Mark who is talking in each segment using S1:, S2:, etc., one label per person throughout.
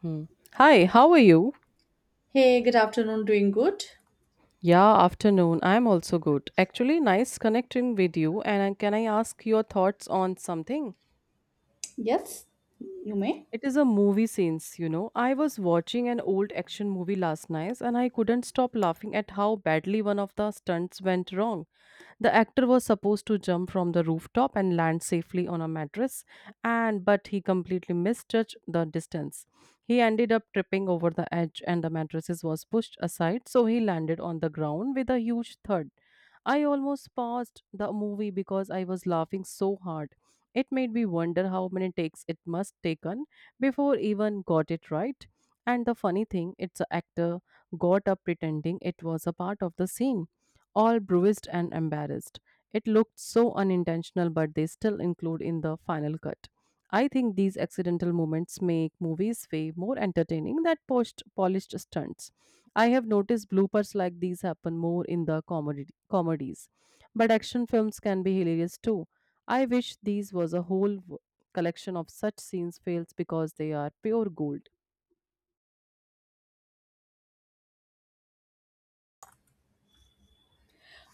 S1: Hmm. Hi, how are you?
S2: Hey, good afternoon. Doing good?
S1: Yeah, afternoon. I'm also good. Actually, nice connecting with you. Can I ask your thoughts on something?
S2: Yes, you may.
S1: It is a movie scenes, I was watching an old action movie last night and I couldn't stop laughing at how badly one of the stunts went wrong. The actor was supposed to jump from the rooftop and land safely on a mattress and but he completely misjudged the distance. He ended up tripping over the edge and the mattresses was pushed aside so he landed on the ground with a huge thud. I almost paused the movie because I was laughing so hard. It made me wonder how many takes it must taken before even got it right. And the funny thing, its actor got up pretending it was a part of the scene, all bruised and embarrassed. It looked so unintentional, but they still include in the final cut. I think these accidental moments make movies way more entertaining than post polished stunts. I have noticed bloopers like these happen more in the comedy comedies, but action films can be hilarious too. I wish these was a whole collection of such scenes fails because they are pure gold.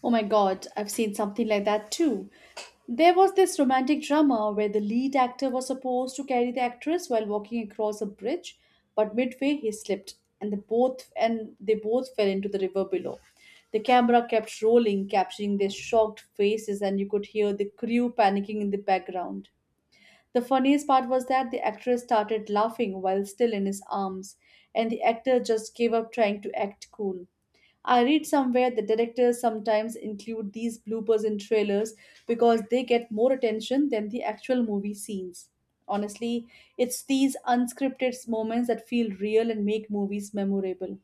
S2: Oh my god, I've seen something like that too. There was this romantic drama where the lead actor was supposed to carry the actress while walking across a bridge, but midway he slipped and they both fell into the river below. The camera kept rolling, capturing their shocked faces and you could hear the crew panicking in the background. The funniest part was that the actress started laughing while still in his arms, and the actor just gave up trying to act cool. I read somewhere that directors sometimes include these bloopers in trailers because they get more attention than the actual movie scenes. Honestly, it's these unscripted moments that feel real and make movies memorable.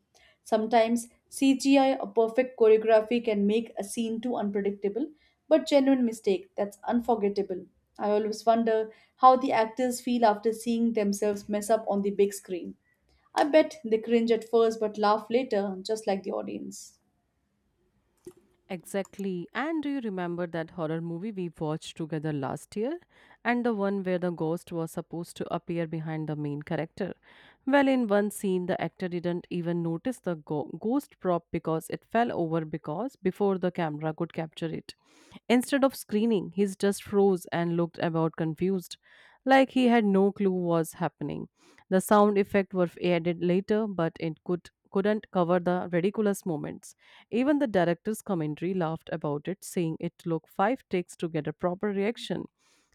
S2: Sometimes CGI or perfect choreography can make a scene too unpredictable, but genuine mistake that's unforgettable. I always wonder how the actors feel after seeing themselves mess up on the big screen. I bet they cringe at first but laugh later, just like the audience.
S1: Exactly. And do you remember that horror movie we watched together last year? And the one where the ghost was supposed to appear behind the main character? Well, in one scene, the actor didn't even notice the ghost prop because it fell over because before the camera could capture it. Instead of screening, he just froze and looked about confused, like he had no clue was happening. The sound effect were added later, but it couldn't cover the ridiculous moments. Even the director's commentary laughed about it, saying it took five takes to get a proper reaction.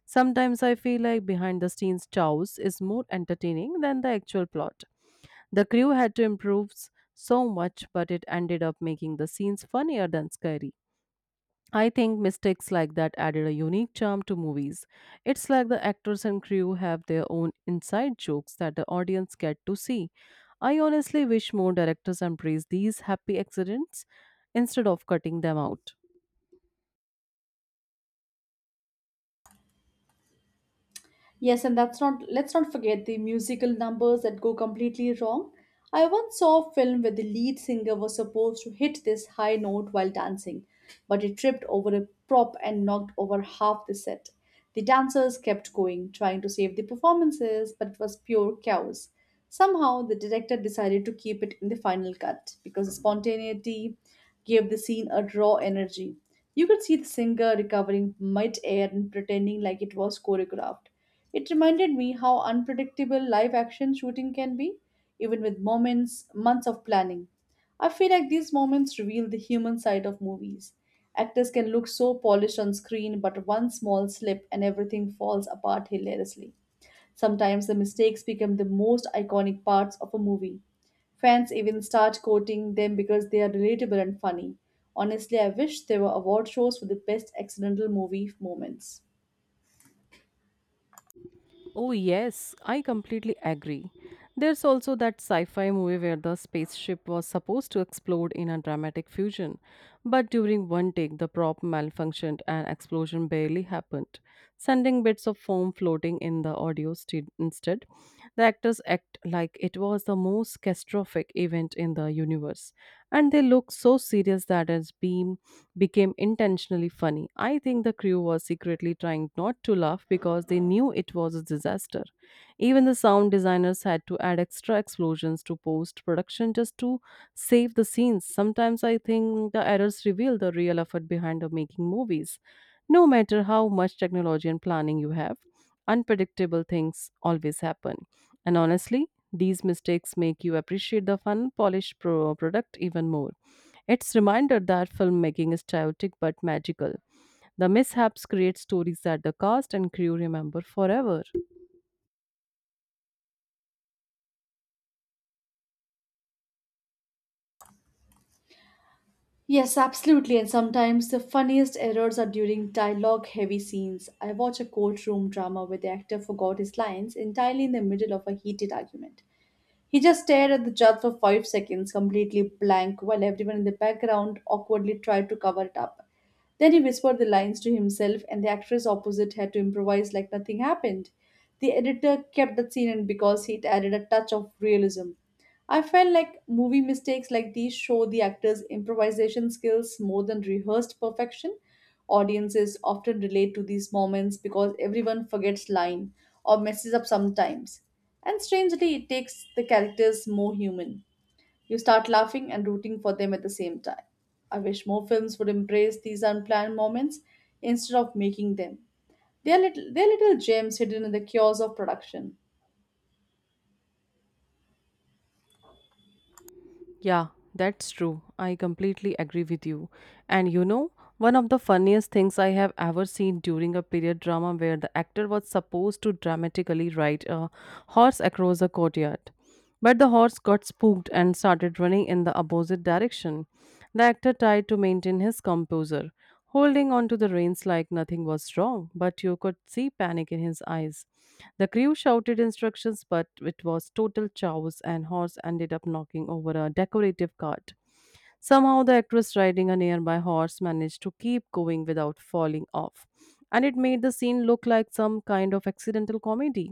S1: Sometimes I feel like behind the scenes chows is more entertaining than the actual plot. The crew had to so much, but it ended up making the scenes funnier than scary. I think mistakes like that added a unique charm to movies. It's like the actors and crew have their own inside jokes that the audience get to see. I honestly wish more directors embrace these happy accidents instead of cutting them out.
S2: Yes, and that's not let's not forget the musical numbers that go completely wrong. I once saw a film where the lead singer was supposed to hit this high note while dancing, but he tripped over a prop and knocked over half the set. The dancers kept going, trying to save the performances, but it was pure chaos. Somehow, the director decided to keep it in the final cut because the spontaneity gave the scene a raw energy. You could see the singer recovering mid air and pretending like it was choreographed. It reminded me how unpredictable live action shooting can be, even with months of planning. I feel like these moments reveal the human side of movies. Actors can look so polished on screen, but one small slip and everything falls apart hilariously. Sometimes the mistakes become the most iconic parts of a movie. Fans even start quoting them because they are relatable and funny. Honestly, I wish there were award shows for the best accidental movie moments.
S1: Oh, yes, I completely agree. There's also that sci fi movie where the spaceship was supposed to explode in a dramatic fusion, but during one take, the prop malfunctioned and explosion barely happened, sending bits of foam floating in the instead. The actors act like it was the most catastrophic event in the universe, and they look so serious that it's beam became intentionally funny. I think the crew was secretly trying not to laugh because they knew it was a disaster. Even the sound designers had to add extra explosions to post production just to save the scenes. Sometimes I think the errors reveal the real effort behind the making movies. No matter how much technology and planning you have, unpredictable things always happen. And honestly, these mistakes make you appreciate the fun, polished product even more. It's reminder that filmmaking is chaotic but magical. The mishaps create stories that the cast and crew remember forever.
S2: Yes, absolutely. And sometimes the funniest errors are during dialogue heavy scenes. I watch a courtroom drama where the actor forgot his lines entirely in the middle of a heated argument. He just stared at the judge for 5 seconds, completely blank, while everyone in the background awkwardly tried to cover it up. Then he whispered the lines to himself, and the actress opposite had to improvise like nothing happened. The editor kept that scene in because it added a touch of realism. I felt like movie mistakes like these show the actors' improvisation skills more than rehearsed perfection. Audiences often relate to these moments because everyone forgets line or messes up sometimes. And strangely, it takes the characters more human. You start laughing and rooting for them at the same time. I wish more films would embrace these unplanned moments instead of making them. They are little gems hidden in the chaos of production.
S1: Yeah, that's true. I completely agree with you. And you know, one of the funniest things I have ever seen during a period drama where the actor was supposed to dramatically ride a horse across a courtyard. But the horse got spooked and started running in the opposite direction. The actor tried to maintain his composure, holding on to the reins like nothing was wrong, but you could see panic in his eyes. The crew shouted instructions, but it was total chaos, and horse ended up knocking over a decorative cart. Somehow, the actress riding a nearby horse managed to keep going without falling off, and it made the scene look like some kind of accidental comedy.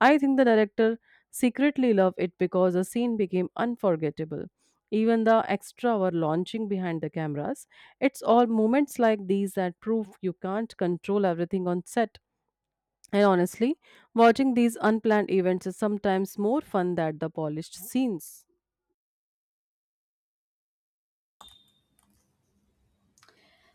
S1: I think the director secretly loved it because the scene became unforgettable. Even the extra were launching behind the cameras. It's all moments like these that prove you can't control everything on set. And honestly, watching these unplanned events is sometimes more fun than the polished scenes.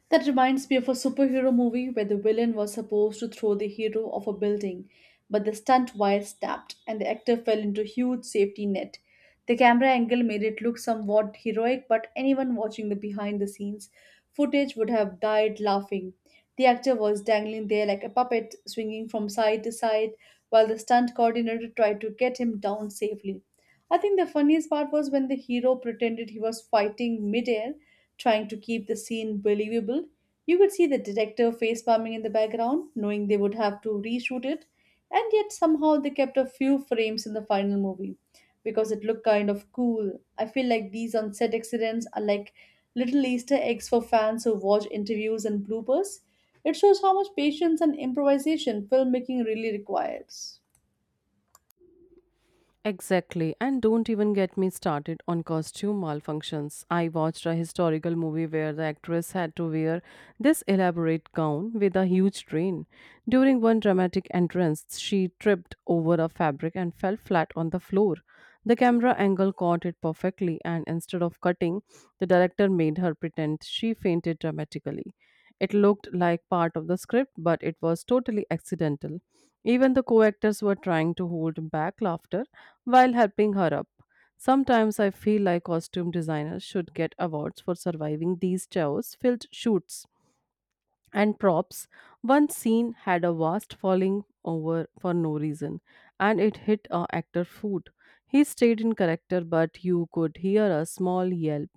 S2: That reminds me of a superhero movie where the villain was supposed to throw the hero off a building, but the stunt wire snapped and the actor fell into a huge safety net. The camera angle made it look somewhat heroic, but anyone watching the behind the scenes footage would have died laughing. The actor was dangling there like a puppet, swinging from side to side, while the stunt coordinator tried to get him down safely. I think the funniest part was when the hero pretended he was fighting midair trying to keep the scene believable. You could see the detective face palming in the background, knowing they would have to reshoot it, and yet somehow they kept a few frames in the final movie because it looked kind of cool. I feel like these on set accidents are like little Easter eggs for fans who watch interviews and bloopers. It shows how much patience and improvisation filmmaking really requires.
S1: Exactly, and don't even get me started on costume malfunctions. I watched a historical movie where the actress had to wear this elaborate gown with a huge train. During one dramatic entrance, she tripped over a fabric and fell flat on the floor. The camera angle caught it perfectly, and instead of cutting, the director made her pretend she fainted dramatically. It looked like part of the script, but it was totally accidental. Even the co actors were trying to hold back laughter while helping her up. Sometimes I feel like costume designers should get awards for surviving these chaos filled shoots and props. One scene had a vast falling over for no reason, and it hit a actor foot. He stayed in character, but you could hear a small yelp,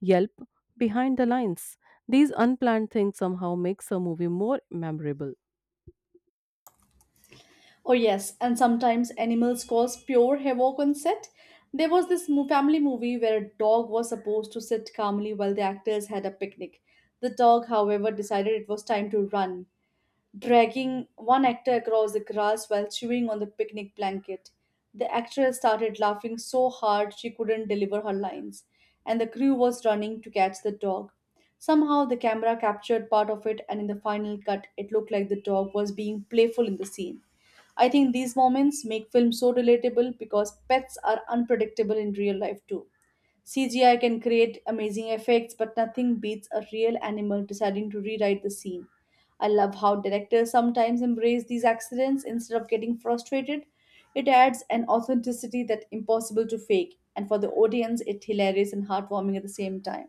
S1: yelp behind the lines. These unplanned things somehow makes a movie more memorable.
S2: Oh, yes, and sometimes animals cause pure havoc on set. There was this family movie where a dog was supposed to sit calmly while the actors had a picnic. The dog, however, decided it was time to run dragging one actor across the grass while chewing on the picnic blanket. The actress started laughing so hard she couldn't deliver her lines, and the crew was running to catch the dog. Somehow, the camera captured part of it, and in the final cut, it looked like the dog was being playful in the scene. I think these moments make films so relatable because pets are unpredictable in real life too. CGI can create amazing effects, but nothing beats a real animal deciding to rewrite the scene. I love how directors sometimes embrace these accidents instead of getting frustrated. It adds an authenticity that's impossible to fake, and for the audience, it's hilarious and heartwarming at the same time.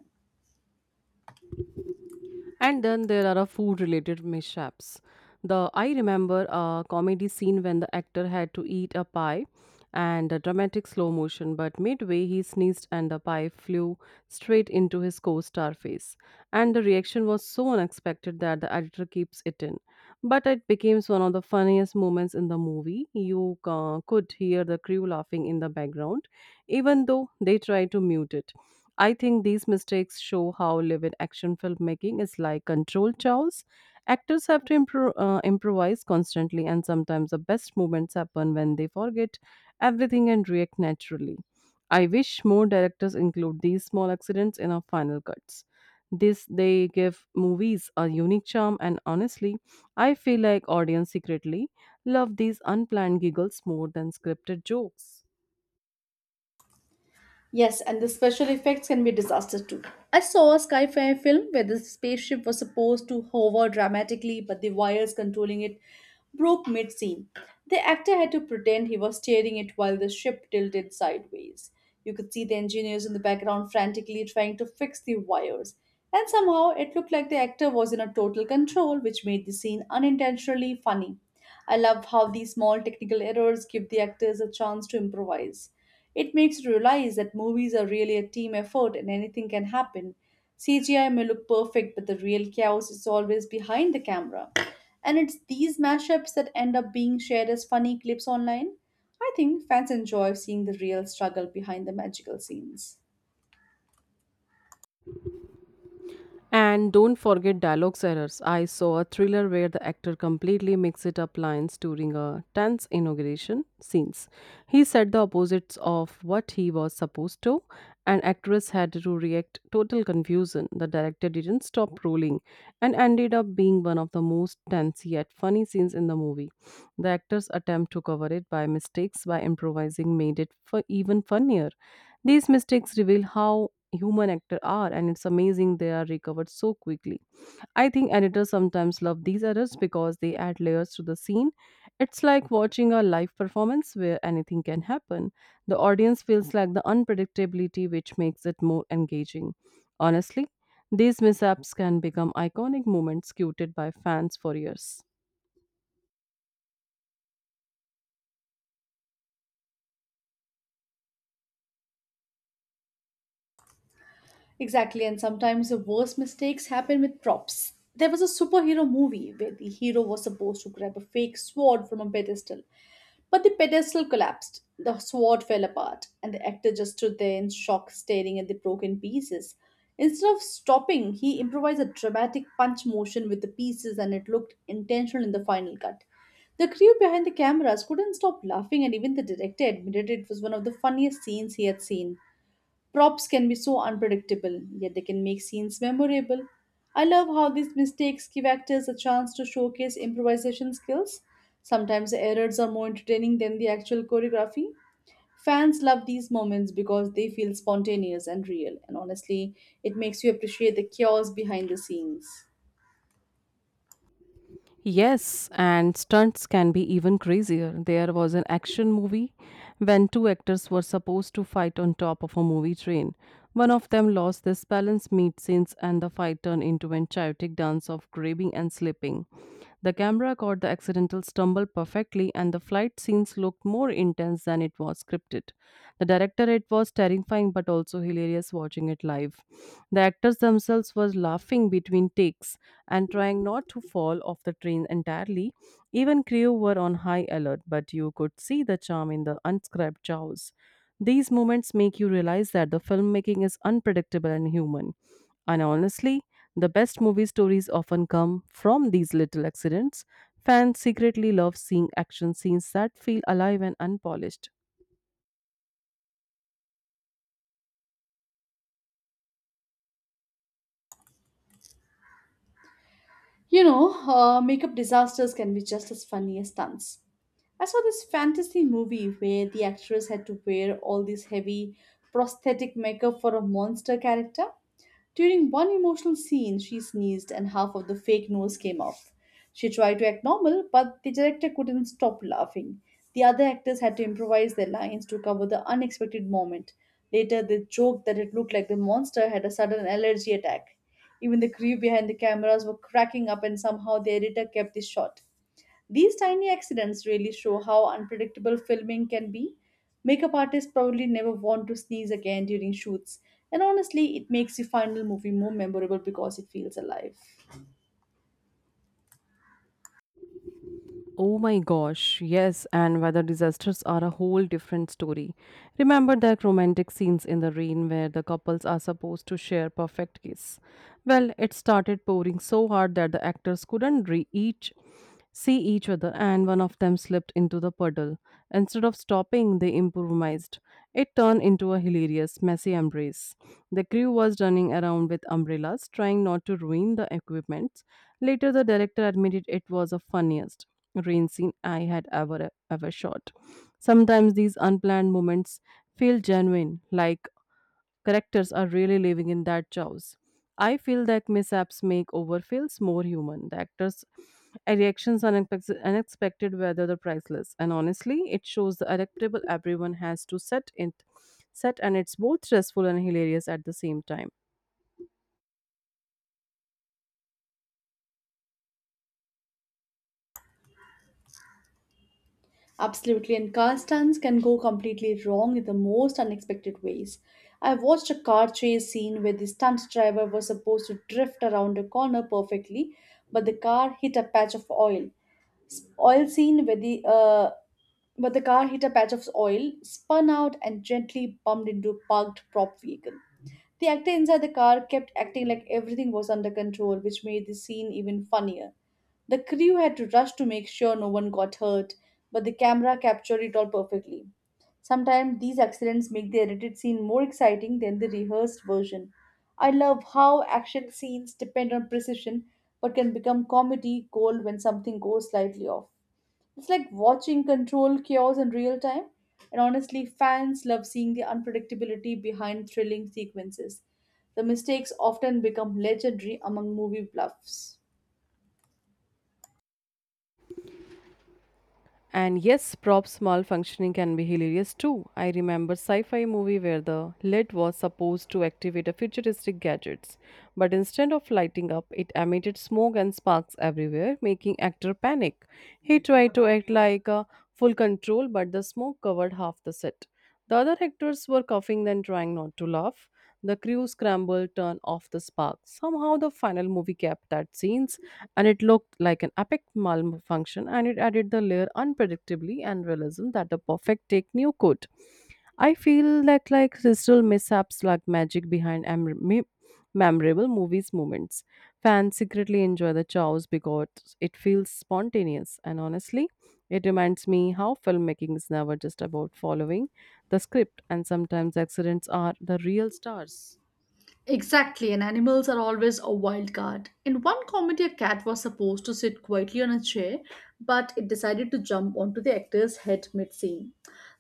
S1: And then there are a food related mishaps. The I remember a comedy scene when the actor had to eat a pie and a dramatic slow motion, but midway he sneezed and the pie flew straight into his co star face. And the reaction was so unexpected that the editor keeps it in. But it became one of the funniest moments in the movie. You could hear the crew laughing in the background, even though they tried to mute it. I think these mistakes show how live in action filmmaking is like controlled chaos. Actors have to improvise constantly, and sometimes the best moments happen when they forget everything and react naturally. I wish more directors include these small accidents in our final cuts. This they give movies a unique charm, and honestly, I feel like audience secretly love these unplanned giggles more than scripted jokes.
S2: Yes, and the special effects can be disaster too. I saw a sci-fi film where the spaceship was supposed to hover dramatically, but the wires controlling it broke mid-scene. The actor had to pretend he was steering it while the ship tilted sideways. You could see the engineers in the background frantically trying to fix the wires. And somehow it looked like the actor was in a total control, which made the scene unintentionally funny. I love how these small technical errors give the actors a chance to improvise. It makes you realize that movies are really a team effort and anything can happen. CGI may look perfect, but the real chaos is always behind the camera. And it's these mashups that end up being shared as funny clips online. I think fans enjoy seeing the real struggle behind the magical scenes.
S1: And don't forget dialogues errors. I saw a thriller where the actor completely mixed it up lines during a tense inauguration scenes. He said the opposites of what he was supposed to, and actress had to react total confusion. The director didn't stop rolling and ended up being one of the most tense yet funny scenes in the movie. The actor's attempt to cover it by mistakes by improvising made it even funnier. These mistakes reveal how human actor are and it's amazing they are recovered so quickly. I think editors sometimes love these errors because they add layers to the scene. It's like watching a live performance where anything can happen. The audience feels like the unpredictability which makes it more engaging. Honestly, these mishaps can become iconic moments quoted by fans for years.
S2: Exactly, and sometimes the worst mistakes happen with props. There was a superhero movie where the hero was supposed to grab a fake sword from a pedestal, but the pedestal collapsed, the sword fell apart, and the actor just stood there in shock, staring at the broken pieces. Instead of stopping, he improvised a dramatic punch motion with the pieces, and it looked intentional in the final cut. The crew behind the cameras couldn't stop laughing, and even the director admitted it was one of the funniest scenes he had seen. Props can be so unpredictable, yet they can make scenes memorable. I love how these mistakes give actors a chance to showcase improvisation skills. Sometimes the errors are more entertaining than the actual choreography. Fans love these moments because they feel spontaneous and real, and honestly, it makes you appreciate the chaos behind the scenes.
S1: Yes, and stunts can be even crazier. There was an action movie when two actors were supposed to fight on top of a movie train. One of them lost his balance mid scenes, and the fight turned into a chaotic dance of grabbing and slipping. The camera caught the accidental stumble perfectly, and the flight scenes looked more intense than it was scripted. The director it was terrified terrifying but also hilarious watching it live. The actors themselves were laughing between takes and trying not to fall off the train entirely. Even crew were on high alert, but you could see the charm in the unscripted jaws. These moments make you realize that the filmmaking is unpredictable and human. And honestly, the best movie stories often come from these little accidents. Fans secretly love seeing action scenes that feel alive and unpolished.
S2: You know, makeup disasters can be just as funny as stunts. I saw this fantasy movie where the actress had to wear all this heavy prosthetic makeup for a monster character. During one emotional scene, she sneezed and half of the fake nose came off. She tried to act normal, but the director couldn't stop laughing. The other actors had to improvise their lines to cover the unexpected moment. Later, they joked that it looked like the monster had a sudden allergy attack. Even the crew behind the cameras were cracking up, and somehow the editor kept this short. These tiny accidents really show how unpredictable filming can be. Makeup artists probably never want to sneeze again during shoots, and honestly, it makes the final movie more memorable because it feels alive.
S1: Oh my gosh, yes, and weather disasters are a whole different story. Remember that romantic scenes in the rain where the couples are supposed to share perfect kiss? Well, it started pouring so hard that the actors couldn't re- each see each other and one of them slipped into the puddle. Instead of stopping, they improvised. It turned into a hilarious, messy embrace. The crew was running around with umbrellas, trying not to ruin the equipment. Later, the director admitted it was the funniest rain scene I had ever shot. Sometimes these unplanned moments feel genuine, like characters are really living in that chaos. I feel that mishaps make overfills more human. The actors' reactions are unexpected, whether they're priceless. And honestly, it shows the adaptable everyone has to set and it's both stressful and hilarious at the same time.
S2: Absolutely, and car stunts can go completely wrong in the most unexpected ways. I watched a car chase scene where the stunt driver was supposed to drift around a corner perfectly, but the car hit a patch of oil, Oil seen where the but the car hit a patch of oil, spun out, and gently bumped into a parked prop vehicle. The actor inside the car kept acting like everything was under control, which made the scene even funnier. The crew had to rush to make sure no one got hurt, but the camera captured it all perfectly. Sometimes these accidents make the edited scene more exciting than the rehearsed version. I love how action scenes depend on precision but can become comedy gold when something goes slightly off. It's like watching control chaos in real time. And honestly, fans love seeing the unpredictability behind thrilling sequences. The mistakes often become legendary among movie bluffs.
S1: And yes, props malfunctioning can be hilarious too. I remember sci-fi movie where the lid was supposed to activate a futuristic gadgets, but instead of lighting up, it emitted smoke and sparks everywhere, making actor panic. He tried to act like a full control, but the smoke covered half the set. The other actors were coughing and trying not to laugh. The crew scrambled, turned off the spark. Somehow, the final movie kept that scenes, and it looked like an epic malfunction, and it added the layer unpredictably and realism that the perfect take new could. I feel that like digital mishaps like magic behind memorable movies moments. Fans secretly enjoy the chaos because it feels spontaneous and honestly, it reminds me how filmmaking is never just about following the script and sometimes accidents are the real stars.
S2: Exactly, and animals are always a wild card. In one comedy, a cat was supposed to sit quietly on a chair, but it decided to jump onto the actor's head mid scene.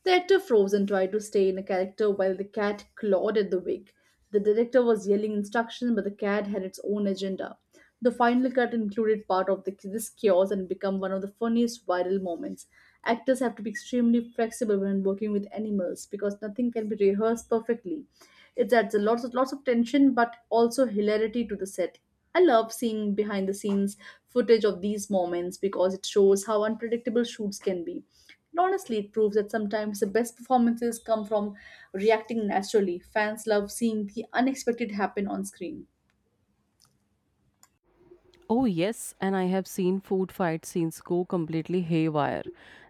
S2: The actor froze and tried to stay in a character while the cat clawed at the wig. The director was yelling instructions, but the cat had its own agenda. The final cut included this chaos and became one of the funniest viral moments. Actors have to be extremely flexible when working with animals because nothing can be rehearsed perfectly. It adds a lots of tension but also hilarity to the set. I love seeing behind the scenes footage of these moments because it shows how unpredictable shoots can be. And honestly, it proves that sometimes the best performances come from reacting naturally. Fans love seeing the unexpected happen on screen.
S1: Oh, yes, and I have seen food fight scenes go completely haywire.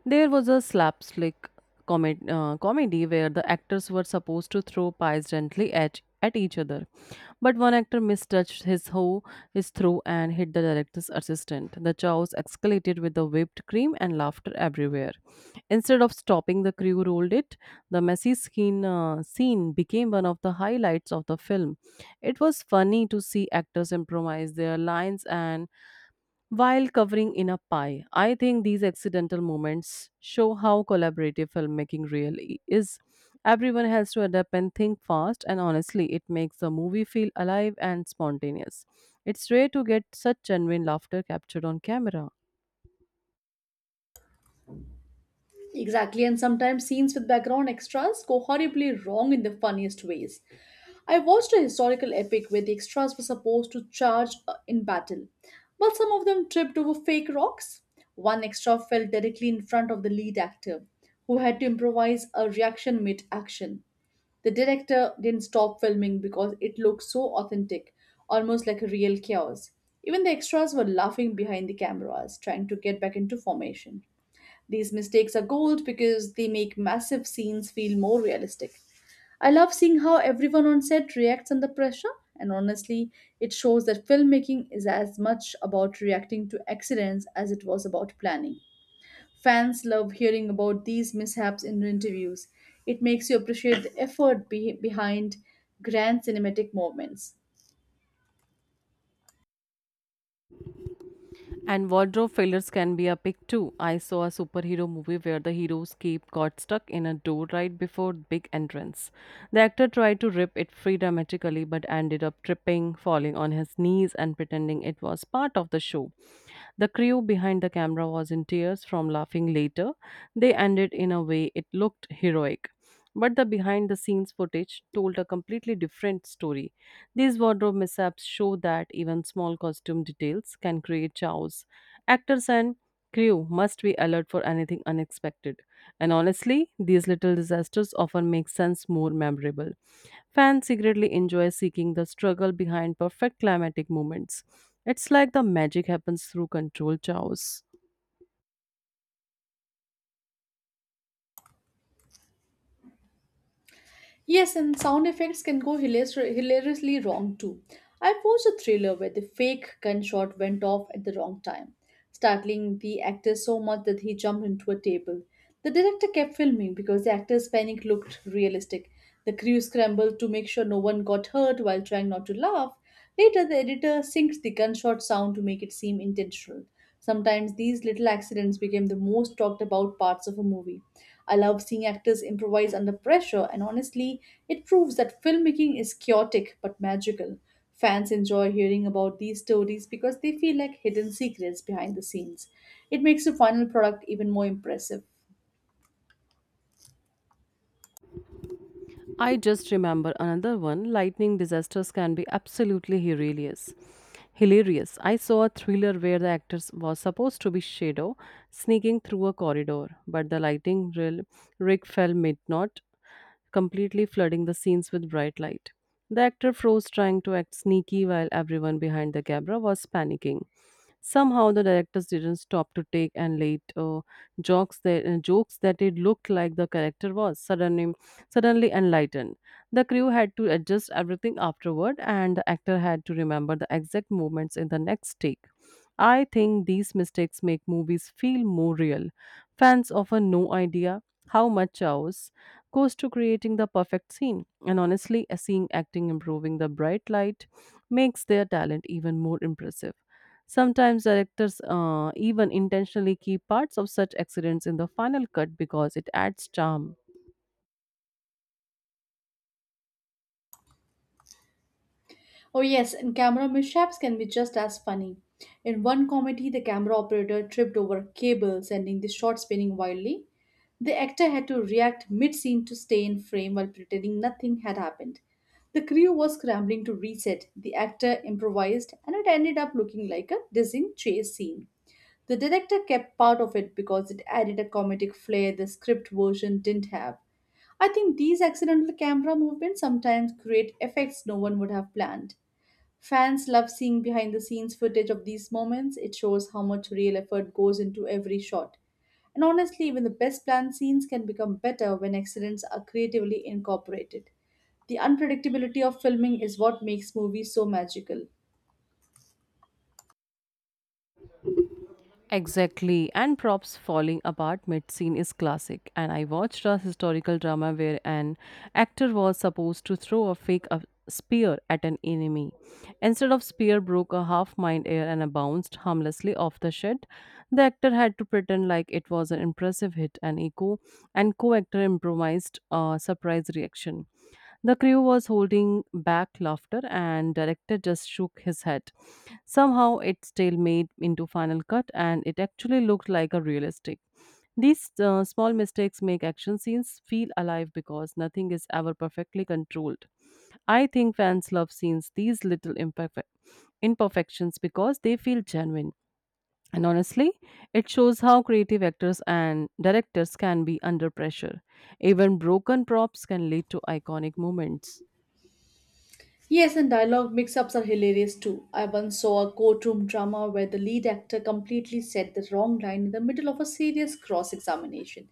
S1: There was a slapstick comedy where the actors were supposed to throw pies gently at each other, but one actor mistouched his hoe, his throw, and hit the director's assistant. The chaos escalated with the whipped cream and laughter everywhere. Instead of stopping, the crew rolled it. The messy skin, scene became one of the highlights of the film. It was funny to see actors improvise their lines and while covering in a pie, I think these accidental moments show how collaborative filmmaking really is. Everyone has to adapt and think fast, and honestly, it makes the movie feel alive and spontaneous. It's rare to get such genuine laughter captured on camera.
S2: Exactly, and sometimes scenes with background extras go horribly wrong in the funniest ways. I watched a historical epic where the extras were supposed to charge in battle, but some of them tripped over fake rocks. One extra fell directly in front of the lead actor, who had to improvise a reaction mid action. The director didn't stop filming because it looked so authentic, almost like a real chaos. Even the extras were laughing behind the cameras, trying to get back into formation. These mistakes are gold because they make massive scenes feel more realistic. I love seeing how everyone on set reacts under pressure, and honestly, it shows that filmmaking is as much about reacting to accidents as it was about planning. Fans love hearing about these mishaps in interviews. It makes you appreciate the effort behind grand cinematic moments.
S1: And wardrobe failures can be a epic too. I saw a superhero movie where the hero's cape got stuck in a door right before the big entrance. The actor tried to rip it free dramatically but ended up tripping, falling on his knees, and pretending it was part of the show. The crew behind the camera was in tears from laughing later. They ended in a way it looked heroic. But the behind the scenes footage told a completely different story. These wardrobe mishaps show that even small costume details can create chaos. Actors and crew must be alert for anything unexpected. And honestly, these little disasters often make sense more memorable. Fans secretly enjoy seeking the struggle behind perfect climatic moments. It's like the magic happens through controlled chaos.
S2: Yes, and sound effects can go hilariously wrong too. I watched a thriller where the fake gunshot went off at the wrong time, startling the actor so much that he jumped into a table. The director kept filming because the actor's panic looked realistic. The crew scrambled to make sure no one got hurt while trying not to laugh. Later, the editor syncs the gunshot sound to make it seem intentional. Sometimes these little accidents became the most talked about parts of a movie. I love seeing actors improvise under pressure, and honestly, it proves that filmmaking is chaotic but magical. Fans enjoy hearing about these stories because they feel like hidden secrets behind the scenes. It makes the final product even more impressive.
S1: I just remember another one. Lightning disasters can be absolutely hilarious. Hilarious. I saw a thriller where the actor was supposed to be Shadow sneaking through a corridor, but the lighting rig fell mid-knot, completely flooding the scenes with bright light. The actor froze trying to act sneaky while everyone behind the camera was panicking. Somehow the directors didn't stop to take and late jokes that it looked like the character was. Suddenly enlightened. The crew had to adjust everything afterward, and the actor had to remember the exact movements in the next take. I think these mistakes make movies feel more real. Fans often no idea how much hours goes to creating the perfect scene, and honestly, seeing acting improving the bright light makes their talent even more impressive. Sometimes directors even intentionally keep parts of such accidents in the final cut because it adds charm.
S2: Oh, yes, and camera mishaps can be just as funny. In one comedy, the camera operator tripped over a cable, sending the shot spinning wildly. The actor had to react mid scene to stay in frame while pretending nothing had happened. The crew was scrambling to reset, the actor improvised, and it ended up looking like a dizzying chase scene. The director kept part of it because it added a comedic flair the script version didn't have. I think these accidental camera movements sometimes create effects no one would have planned. Fans love seeing behind the scenes footage of these moments. It shows how much real effort goes into every shot. And honestly, even the best planned scenes can become better when accidents are creatively incorporated. The unpredictability of filming is what makes movies so magical.
S1: Exactly, and props falling apart mid scene is classic. And I watched a historical drama where an actor was supposed to throw a fake a spear at an enemy. Instead of spear broke a half mind air and bounced harmlessly off the shed. The actor had to pretend like it was an impressive hit and echo and co-actor improvised a surprise reaction. The crew was holding back laughter, and director just shook his head. Somehow, it still made into final cut, and it actually looked like a realistic. These small mistakes make action scenes feel alive because nothing is ever perfectly controlled. I think fans love scenes these little imperfections because they feel genuine. And honestly, it shows how creative actors and directors can be under pressure. Even broken props can lead to iconic moments.
S2: Yes, and dialogue mix ups are hilarious too. I once saw a courtroom drama where the lead actor completely said the wrong line in the middle of a serious cross examination.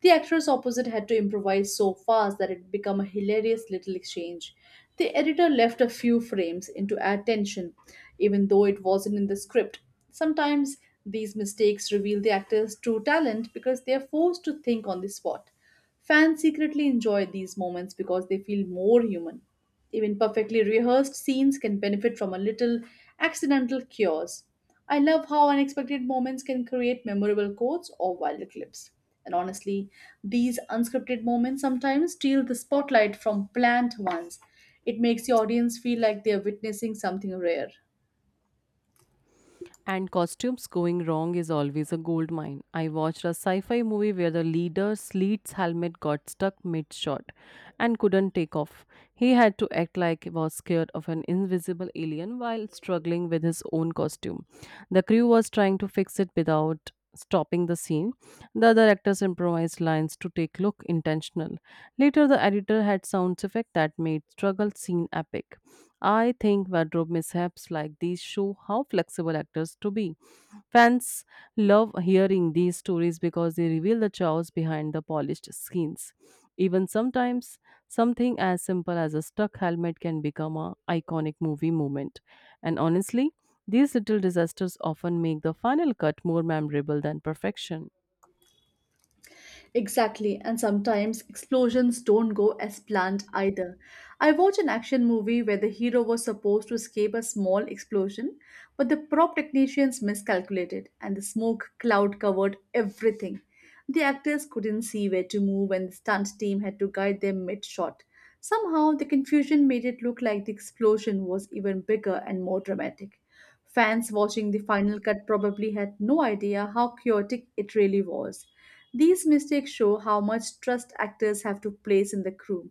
S2: The actress opposite had to improvise so fast that it became a hilarious little exchange. The editor left a few frames in to add tension, even though it wasn't in the script. Sometimes these mistakes reveal the actor's true talent because they are forced to think on the spot. Fans secretly enjoy these moments because they feel more human. Even perfectly rehearsed scenes can benefit from a little accidental cures. I love how unexpected moments can create memorable quotes or wild clips. And honestly, these unscripted moments sometimes steal the spotlight from planned ones. It makes the audience feel like they are witnessing something rare.
S1: And costumes going wrong is always a gold mine. I watched a sci fi movie where the leader's lead's helmet got stuck mid shot and couldn't take off. He had to act like he was scared of an invisible alien while struggling with his own costume. The crew was trying to fix it without stopping the scene. The other actors improvised lines to take look intentional. Later, the editor had sound effect that made struggle scene epic. I think wardrobe mishaps like these show how flexible actors to be. Fans love hearing these stories because they reveal the chaos behind the polished skins. Even sometimes, something as simple as a stuck helmet can become an iconic movie moment. And honestly, these little disasters often make the final cut more memorable than perfection.
S2: Exactly, and sometimes explosions don't go as planned either. I watched an action movie where the hero was supposed to escape a small explosion, but the prop technicians miscalculated and the smoke cloud covered everything. The actors couldn't see where to move and the stunt team had to guide them mid shot. Somehow, the confusion made it look like the explosion was even bigger and more dramatic. Fans watching the final cut probably had no idea how chaotic it really was. These mistakes show how much trust actors have to place in the crew.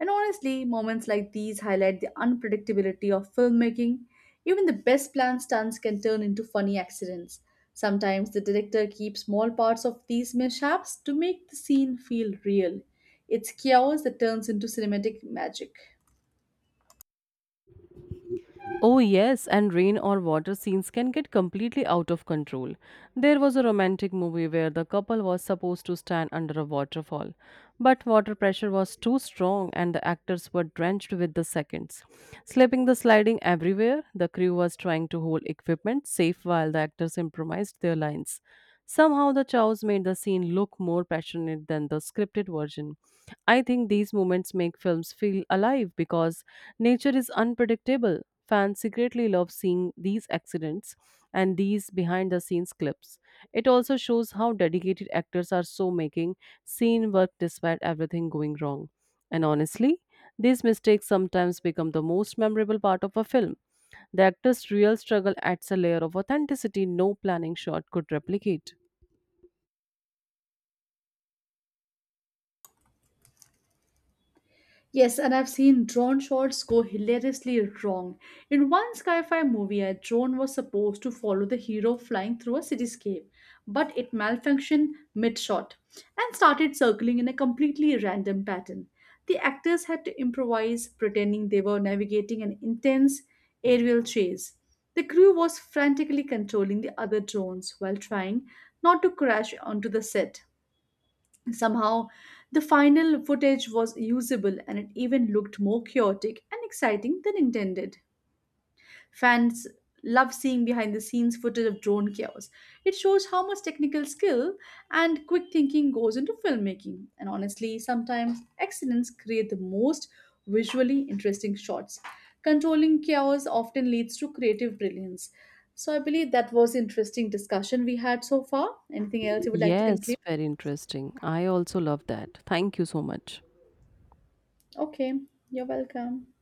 S2: And honestly, moments like these highlight the unpredictability of filmmaking. Even the best planned stunts can turn into funny accidents. Sometimes the director keeps small parts of these mishaps to make the scene feel real. It's chaos that turns into cinematic magic.
S1: Oh, yes, and rain or water scenes can get completely out of control. There was a romantic movie where the couple was supposed to stand under a waterfall, but water pressure was too strong and the actors were drenched with the seconds. Slipping the sliding everywhere, the crew was trying to hold equipment safe while the actors improvised their lines. Somehow, the chows made the scene look more passionate than the scripted version. I think these moments make films feel alive because nature is unpredictable. Fans secretly love seeing these accidents and these behind the scenes clips. It also shows how dedicated actors are so making scene work despite everything going wrong. And honestly, these mistakes sometimes become the most memorable part of a film. The actor's real struggle adds a layer of authenticity no planning shot could replicate.
S2: Yes, and I've seen drone shots go hilariously wrong. In one sci-fi movie, a drone was supposed to follow the hero flying through a cityscape, but it malfunctioned mid-shot and started circling in a completely random pattern. The actors had to improvise, pretending they were navigating an intense aerial chase. The crew was frantically controlling the other drones while trying not to crash onto the set. Somehow, the final footage was usable and it even looked more chaotic and exciting than intended. Fans love seeing behind the scenes footage of drone chaos. It shows how much technical skill and quick thinking goes into filmmaking. And honestly, sometimes accidents create the most visually interesting shots. Controlling chaos often leads to creative brilliance. So I believe that was interesting discussion we had so far. Anything else you would like to
S1: Yes,
S2: conclude?
S1: very interesting. I also love that. Thank you so much.
S2: Okay, you're welcome.